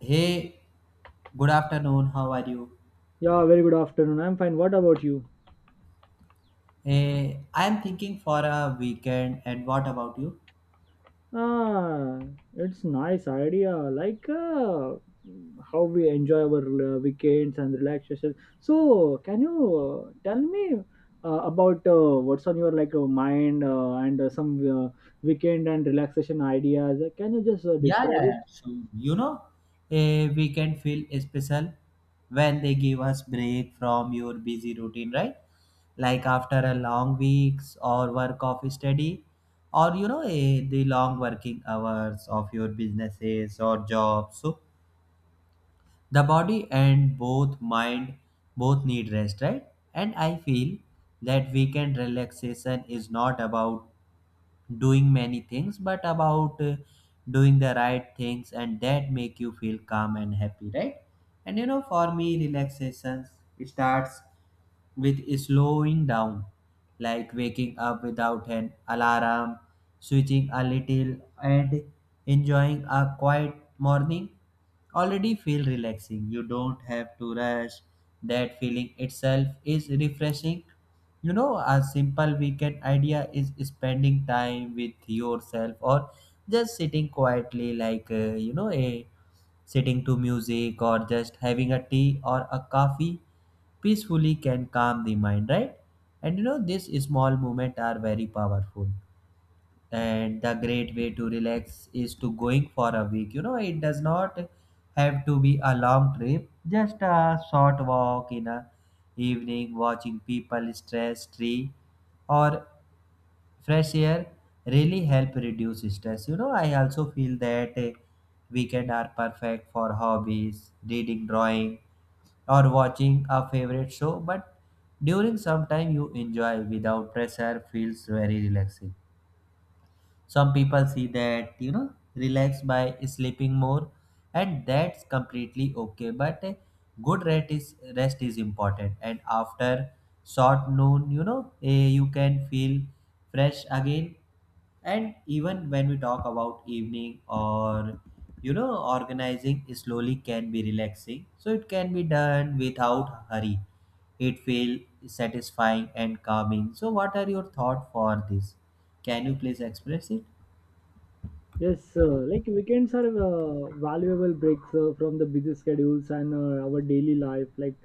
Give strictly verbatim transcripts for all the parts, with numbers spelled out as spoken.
Hey, good afternoon. How are you? Yeah, very good afternoon. I'm fine. What about you? Hey, I am thinking for a weekend, and what about you? Ah, it's nice idea. Like uh, how we enjoy our uh, weekends and relaxation. So, can you uh, tell me uh, about uh, what's on your like uh, mind uh, and uh, some uh, weekend and relaxation ideas? Can you just uh, Yeah, describe yeah, it? yeah. So, you know, a weekend feel special when they give us break from your busy routine, right? Like after a long weeks or work of study, or you know, a, the long working hours of your businesses or jobs. So, the body and both mind both need rest, right? And I feel that weekend relaxation is not about doing many things but about uh, doing the right things and that make you feel calm and happy, right? And you know, for me relaxation starts with slowing down, like waking up without an alarm, switching a little, and enjoying a quiet morning already feel relaxing. You don't have to rush. That feeling itself is refreshing. You know, a simple weekend idea is spending time with yourself or just sitting quietly, like uh, you know, a sitting to music or just having a tea or a coffee peacefully can calm the mind, right? And you know, these small moments are very powerful, and the great way to relax is to going for a week. You know, it does not have to be a long trip, just a short walk in a evening watching people stress tree or fresh air really help reduce stress. You know, I also feel that eh, weekend are perfect for hobbies, reading, drawing, or watching a favorite show, but during some time you enjoy without pressure feels very relaxing. Some people see that, you know, relax by sleeping more, and that's completely okay. But a good rest is rest is important, and after short noon, you know, eh, you can feel fresh again. And even when we talk about evening or, you know, organizing slowly can be relaxing, so it can be done without hurry. It feel satisfying and calming. So, what are your thoughts for this? Can you please express it? Yes, sir. Like weekends are uh, valuable breaks uh, from the busy schedules and uh, our daily life. Like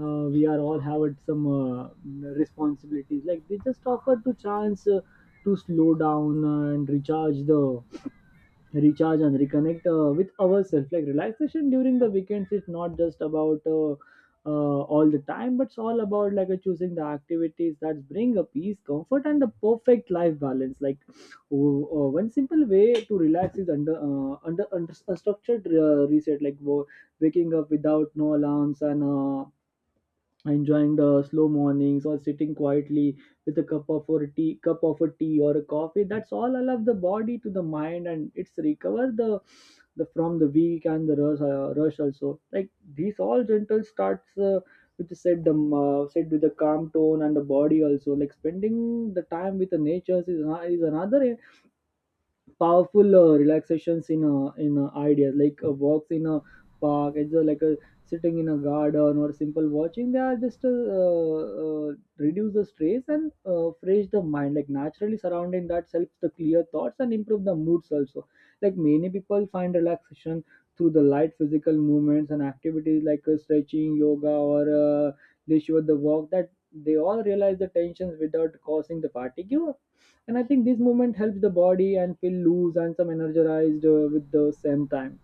uh, we are all have some uh, responsibilities. Like they just offer to chance uh, to slow down uh, and recharge the recharge and reconnect uh, with ourselves, like relaxation during the weekends is not just about uh, uh, all the time, but it's all about like uh, choosing the activities that bring a peace comfort and a perfect life balance. Like w- uh, one simple way to relax is under uh, under, under a structured uh, reset, like wo- waking up without no alarms and uh, enjoying the slow mornings or sitting quietly with a cup of or tea cup of a tea or a coffee, that's all allow the body to the mind and it's recover the, the from the week and the rush, uh, rush also, like these all gentle starts uh, which is said the uh, said with a calm tone and the body also, like spending the time with the nature is, ano- is another powerful uh, relaxations in uh, in uh, ideas, like uh, walks in a park, it's uh, like a sitting in a garden or simple watching they are just uh, uh, reduce the stress and uh, fresh the mind, like naturally surrounding that helps the clear thoughts and improve the moods also. Like many people find relaxation through the light physical movements and activities, like uh, stretching yoga or uh, leisure the walk that they all realize the tensions without causing the fatigue, and I think this movement helps the body and feel loose and some energized uh, with the same time.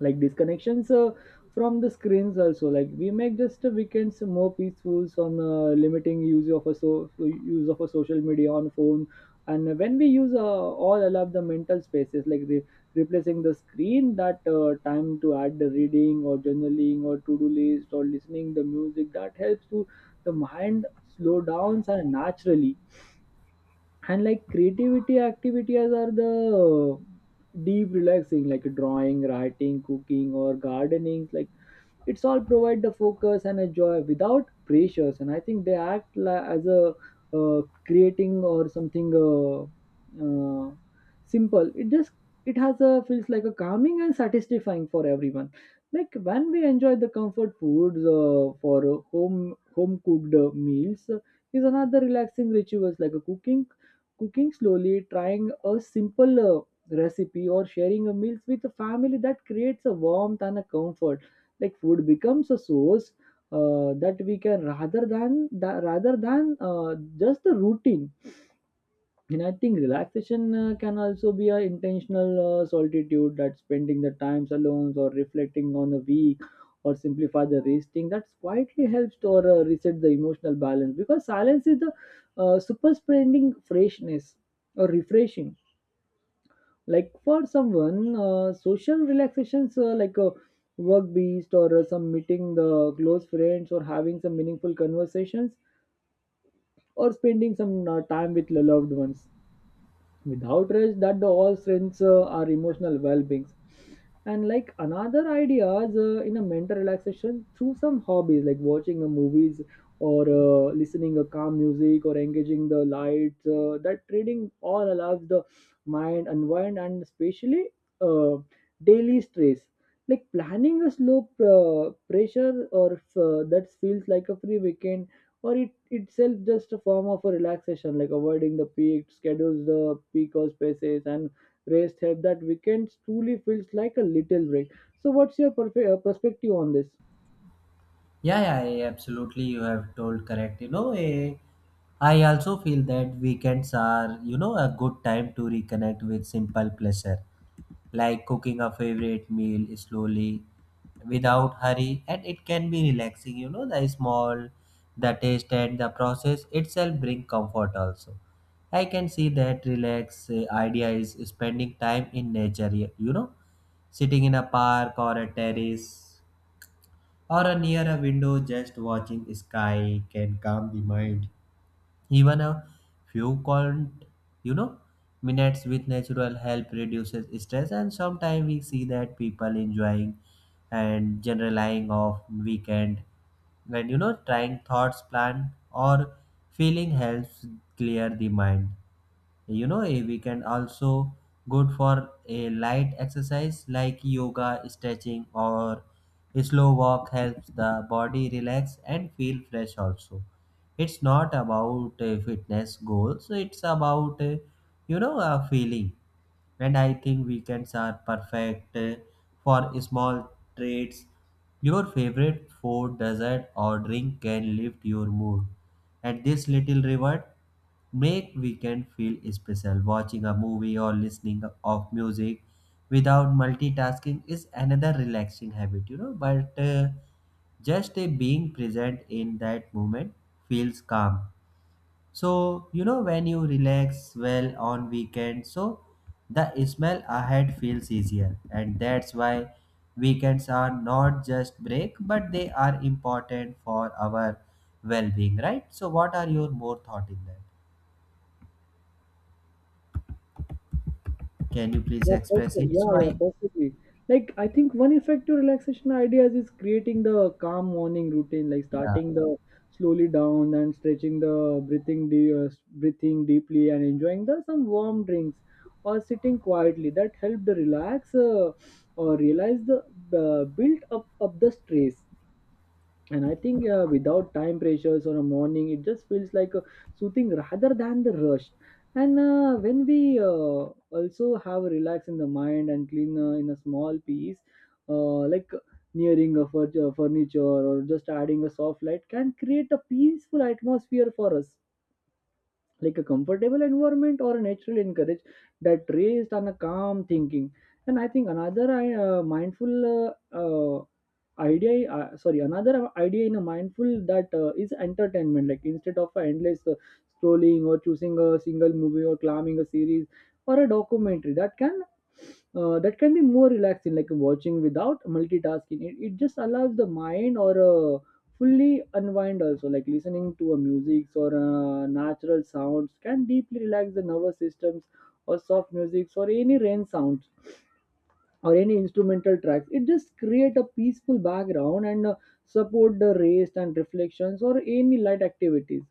Like disconnections uh, from the screens also, like we make just uh, weekends more peaceful on uh, limiting use of a so use of a social media on phone, and when we use uh, all allow the mental spaces, like re- replacing the screen that uh, time to add the reading or journaling or to-do list or listening the music that helps to the mind slow down and naturally. And like creativity activities are the deep relaxing, like drawing, writing, cooking, or gardening. Like it's all provide the focus and a joy without pressures, and I think they act la- as a uh, creating or something uh, uh, simple, it just it has a feels like a calming and satisfying for everyone. Like when we enjoy the comfort foods uh, for home home cooked uh, meals uh, is another relaxing rituals, like a cooking cooking slowly trying a simple uh, recipe or sharing a meals with a family that creates a warmth and a comfort. Like food becomes a source uh, that we can rather than that rather than uh, just the routine. And I think relaxation uh, can also be an intentional uh, solitude, that spending the times alone or reflecting on a week or simplify the resting that quietly helps to or, uh, reset the emotional balance, because silence is the uh, super spending freshness or refreshing. Like for someone uh, social relaxations uh, like a work beast or uh, some meeting the close friends or having some meaningful conversations or spending some uh, time with loved ones without rest that the all strengths uh, are emotional well-beings. And like another ideas uh, in a mental relaxation through some hobbies, like watching a movies or uh, listening a calm music or engaging the lights uh, that reading all allows the mind unwind, and especially uh, daily stress, like planning a slow uh, pressure or uh, that feels like a free weekend or it itself just a form of a relaxation, like avoiding the peak schedules the peak or spaces and rest help that weekends truly feels like a little break. So what's your perfe- uh, perspective on this? Yeah, yeah, yeah, absolutely. You have told correct. You know, eh, I also feel that weekends are, you know, a good time to reconnect with simple pleasure, like cooking a favorite meal slowly, without hurry, and it can be relaxing. You know, the small, the taste and the process itself bring comfort also. I can see that relax eh, idea is spending time in nature. You you know, sitting in a park or a terrace or a near a window just watching sky can calm the mind. Even a few count, you know, minutes with natural help reduces stress, and sometimes we see that people enjoying and generalizing of weekend. And you know, trying thoughts plan or feeling helps clear the mind. You know, eh, we can also good for a light exercise like yoga, stretching, or a slow walk helps the body relax and feel fresh also. It's not about uh, fitness goals, it's about, uh, you know a feeling. And I think weekends are perfect uh, for small treats. Your favorite food, dessert, or drink can lift your mood, and this little reward make weekend feel special. Watching a movie or listening of music without multitasking is another relaxing habit, you know. But uh, just uh, Being present in that moment feels calm. So, you know, when you relax well on weekends, so the smell ahead feels easier. And that's why weekends are not just break, but they are important for our well-being, right? So, what are your more thought in that? Can you please Yeah, express perfect. it? Yeah, So yeah, I, perfectly. Like, I think one effective relaxation ideas is creating the calm morning routine, like Yeah. starting the slowly down and stretching the breathing, de- uh, breathing deeply and enjoying the some warm drinks or sitting quietly. That help the relax uh, or realize the uh, build up of the stress. And I think uh, without time pressures or a morning, it just feels like a soothing rather than the rush. And uh, when we uh, also have a relax in the mind and clean uh, in a small piece, uh, like nearing a furniture, furniture or just adding a soft light can create a peaceful atmosphere for us, like a comfortable environment or a natural encourage that raised on a calm thinking. And I think another uh, mindful uh, uh, idea uh, sorry, another idea in a mindful that uh, is entertainment, like instead of a endless uh, scrolling or choosing a single movie or climbing a series or a documentary that can uh, that can be more relaxing, like watching without multitasking, it, it just allows the mind or uh, fully unwind. Also like listening to a music or uh, natural sounds can deeply relax the nervous systems or soft music or any rain sounds or any instrumental tracks, it just create a peaceful background and uh, support the rest and reflections or any light activities.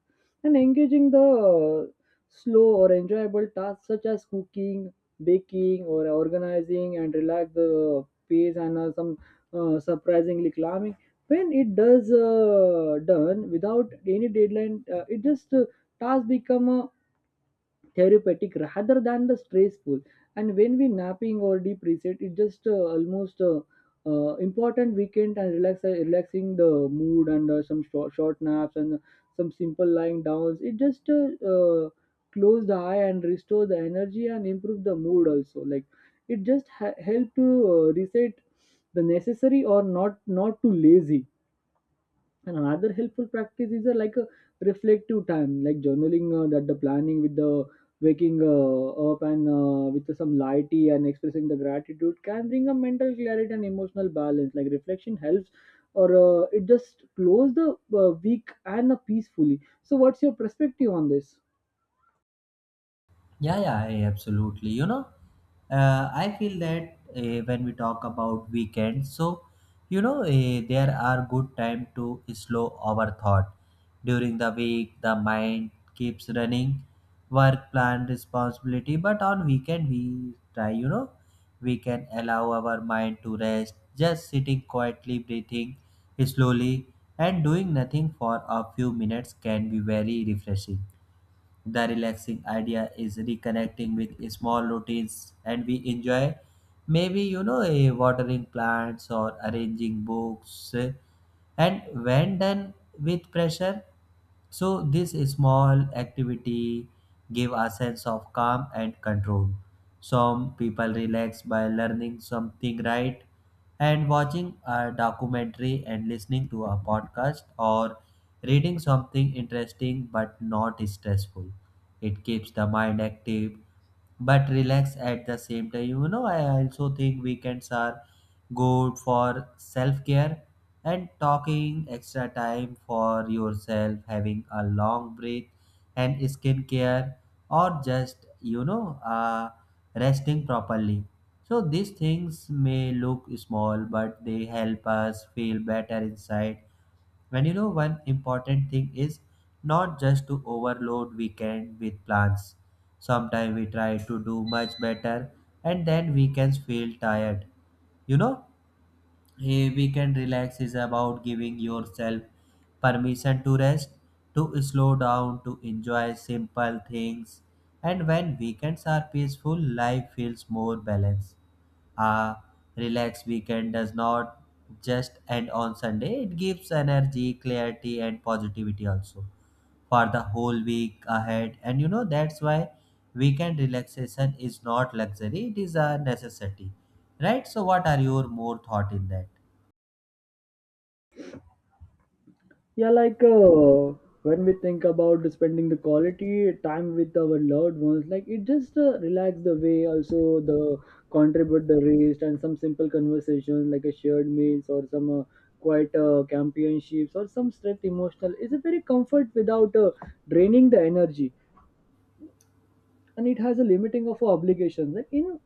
And engaging the uh, slow or enjoyable tasks such as cooking baking or organizing and relax the pace, and uh, some uh, surprisingly calming when it does uh, done without any deadline, uh, it just uh, task become a therapeutic rather than the stressful. And when we napping or deep reset, it just uh, almost uh, uh, important weekend and relax relaxing the mood, and uh, some short, short naps and some simple lying downs, it just uh, uh, close the eye and restore the energy and improve the mood also, like it just ha- help to uh, reset the necessary or not not too lazy. And another helpful practice is a, like a reflective time, like journaling uh, that the planning with the waking uh, up and uh, with some light tea and expressing the gratitude can bring a mental clarity and emotional balance. Like reflection helps, or uh, it just close the uh, week and uh, peacefully. So, what's your perspective on this? Yeah, yeah, yeah, absolutely. You know, uh, I feel that uh, when we talk about weekends, so, you know, uh, there are good time to slow our thought. During the week, the mind keeps running, work, plan, responsibility. But on weekend, we try. You know, we can allow our mind to rest, just sitting quietly, breathing slowly, and doing nothing for a few minutes can be very refreshing. The relaxing idea is reconnecting with small routines and we enjoy. Maybe, you know, eh, watering plants or arranging books. eh, And when done with pressure, so this small activity give a sense of calm and control. Some people relax by learning something, right? And watching a documentary and listening to a podcast or reading something interesting but not stressful. It keeps the mind active but relaxed at the same time. You know, I also think weekends are good for self care, and talking extra time for yourself, having a long breath and skincare, or just, you know, uh, resting properly. So these things may look small, but they help us feel better inside. When you know, one important thing is not just to overload weekend with plans. Sometimes we try to do much better and then weekends feel tired. You know, a weekend relax is about giving yourself permission to rest, to slow down, to enjoy simple things. And when weekends are peaceful, life feels more balanced. A relaxed weekend does not just end on Sunday, it gives energy, clarity, and positivity also for the whole week ahead. And you know, that's why weekend relaxation is not luxury, it is a necessity, right? So, what are your more thought in that? Yeah, like uh, when we think about spending the quality time with our loved ones, like it just uh, relax the way, also the contribute the rest and some simple conversations like a shared meals or some uh, quiet uh, championships or some strength emotional is a very comfort without uh, draining the energy, and it has a limiting of obligations. Like in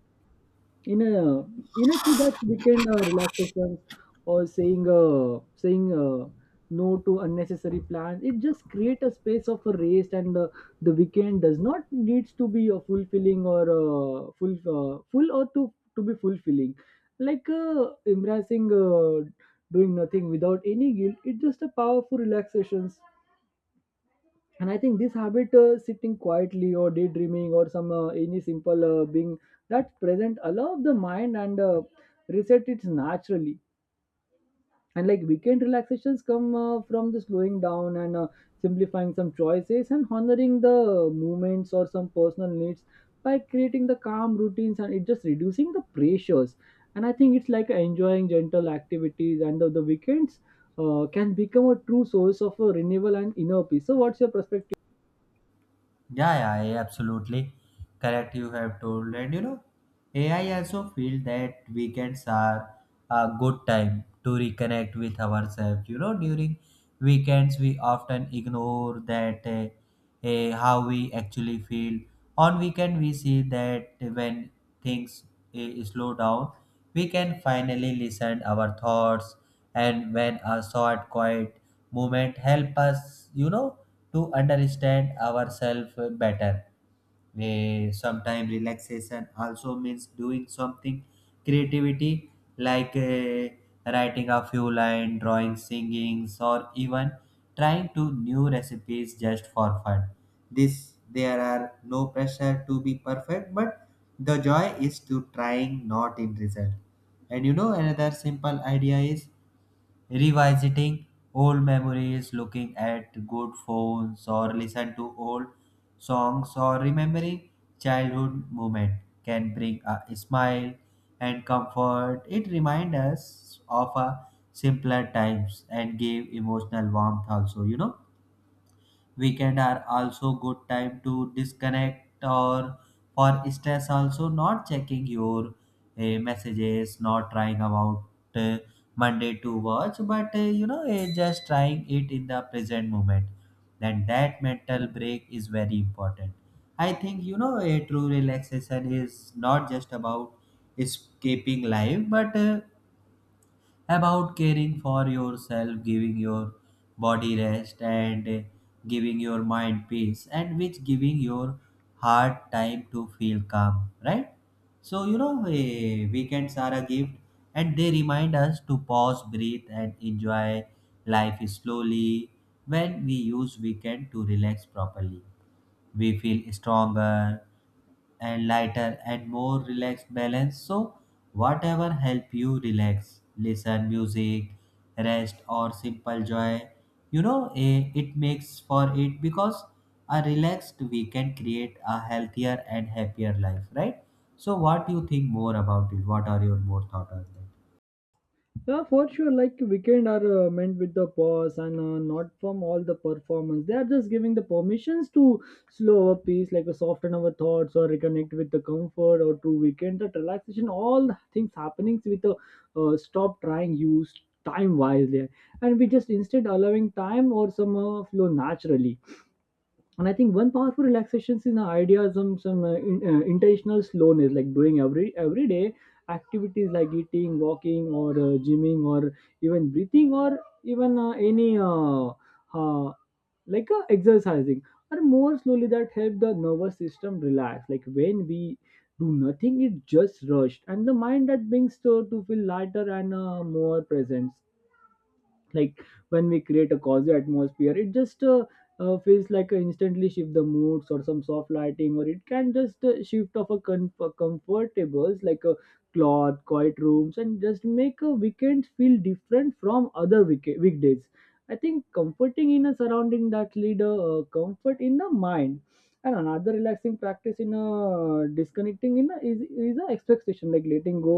in a in a key that weekend uh, relaxations or saying uh, saying uh, no to unnecessary plans, it just create a space of a rest. And uh, the weekend does not needs to be a fulfilling or uh, full uh, full or to to be fulfilling, like uh, embracing uh, doing nothing without any guilt, it's just a powerful relaxations. And I think this habit uh, sitting quietly or daydreaming or some uh, any simple uh, being that present allow the mind and uh, reset it naturally. And like weekend relaxations come uh, from the slowing down and uh, simplifying some choices and honoring the movements or some personal needs, by creating the calm routines and it just reducing the pressures. And I think it's like enjoying gentle activities and the, the weekends uh, can become a true source of a renewal and inner peace. So what's your perspective? Yeah, yeah, yeah, absolutely correct. You have told, and you know, A I also feel that weekends are a good time to reconnect with ourselves. You know, during weekends we often ignore that, uh, eh, how we actually feel on weekend. We see that when things eh, slow down, we can finally listen our thoughts. And when a short quiet moment help us, you know, to understand ourselves better. Eh, sometimes relaxation also means doing something creativity, like, eh, writing a few lines, drawing, singings, or even trying to new recipes just for fun. This there are no pressure to be perfect, but the joy is to trying, not in result. And you know, another simple idea is revisiting old memories, looking at good phones or listen to old songs or remembering childhood moment can bring a smile and comfort. It reminds us of a simpler times and give emotional warmth also, you know. Weekend are also good time to disconnect or for stress also, not checking your uh, messages, not trying about uh, Monday to watch, but, uh, you know uh, just trying it in the present moment. Then that mental break is very important. I think, you know, a true relaxation is not just about escaping life, but, uh, about caring for yourself, giving your body rest, and, uh, giving your mind peace, and which giving your heart time to feel calm, right? So, you know, eh, weekends are a gift and they remind us to pause, breathe, and enjoy life slowly. When we use weekend to relax properly, we feel stronger and lighter and more relaxed balance. So, whatever help you relax, listen music, rest, or simple joy, you know, eh, it makes for it, because a relaxed we can create a healthier and happier life, right? So, what do you think more about it? What are your more thought on that? Yeah, for sure. Like weekend are uh, meant with the pause and uh, not from all the performance. They are just giving the permissions to slow our pace, like a soften our thoughts or reconnect with the comfort or true weekend. That relaxation, all the things happening with the uh, stop trying use time wisely, and we just instead allowing time or somehow flow naturally. And I think one powerful relaxation is the idea of some some uh, in, uh, intentional slowness, like doing every everyday activities like eating walking or uh, gymming or even breathing, or even uh, any uh, uh, like uh, exercising or more slowly, that help the nervous system relax. Like when we do nothing, it just rushed and the mind that being so to feel lighter and uh, more present. Like when we create a cozy atmosphere, it just uh, uh, feels like a instantly shift the moods or some soft lighting, or it can just uh, shift of a com- comfortables, like a cloth quiet rooms, and just make a weekend feel different from other week- weekdays. I think comforting in a surrounding that lead a uh, comfort in the mind. And another relaxing practice in a disconnecting in a, is is a expectation, like letting go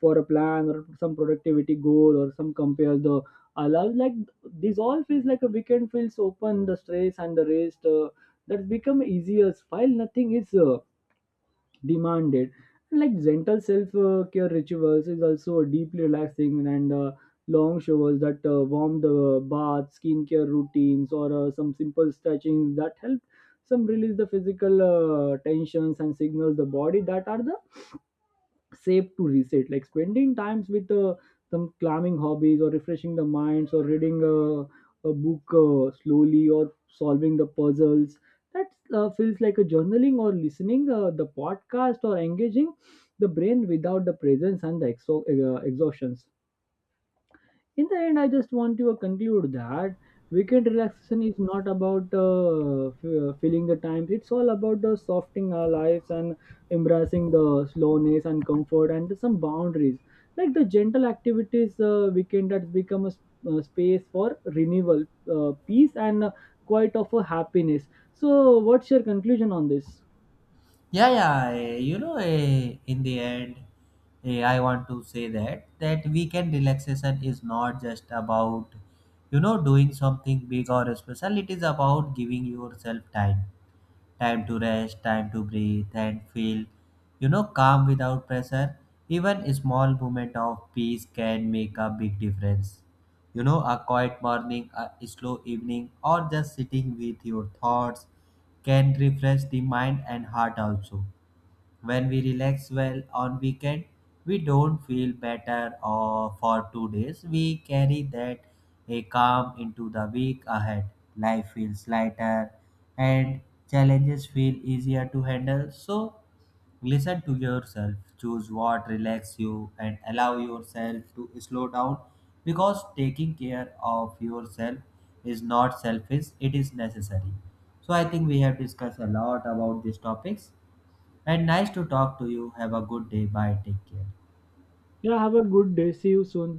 for a plan or some productivity goal or some compares the I love, like this all feels like a weekend feels open the stress and the rest uh, that become easier while nothing is uh, demanded. Like gentle self uh, care rituals is also deeply relaxing, and uh, long showers that uh, warm the bath, skincare routines, or uh, some simple stretchings that help some release the physical uh, tensions and signals the body that are the safe to reset. Like spending times with uh, some climbing hobbies or refreshing the minds or reading a, a book uh, slowly or solving the puzzles that uh, feels like a journaling or listening uh, the podcast or engaging the brain without the presence and the exo- uh, exhaustion. In the end, I just want to uh, conclude that weekend relaxation is not about uh, f- uh, filling the time, it's all about the softening our lives and embracing the slowness and comfort and some boundaries. Like the gentle activities, uh, weekend has become a, s- a space for renewal, uh, peace, and uh, quite of a happiness. So what's your conclusion on this? Yeah, yeah. eh, You know, eh, in the end, eh, I want to say that that weekend relaxation is not just about, you know, doing something big or special. It is about giving yourself time, time to rest, time to breathe, and feel, you know, calm without pressure. Even a small moment of peace can make a big difference. You know, a quiet morning, a slow evening, or just sitting with your thoughts can refresh the mind and heart also. When we relax well on weekend, we don't feel better or for two days, we carry that a calm into the week ahead. Life feels lighter, and challenges feel easier to handle. So, listen to yourself, choose what relaxes you, and allow yourself to slow down, because taking care of yourself is not selfish, it is necessary. So, I think we have discussed a lot about these topics, and nice to talk to you. Have a good day. Bye. Take care. Yeah, have a good day, see you soon.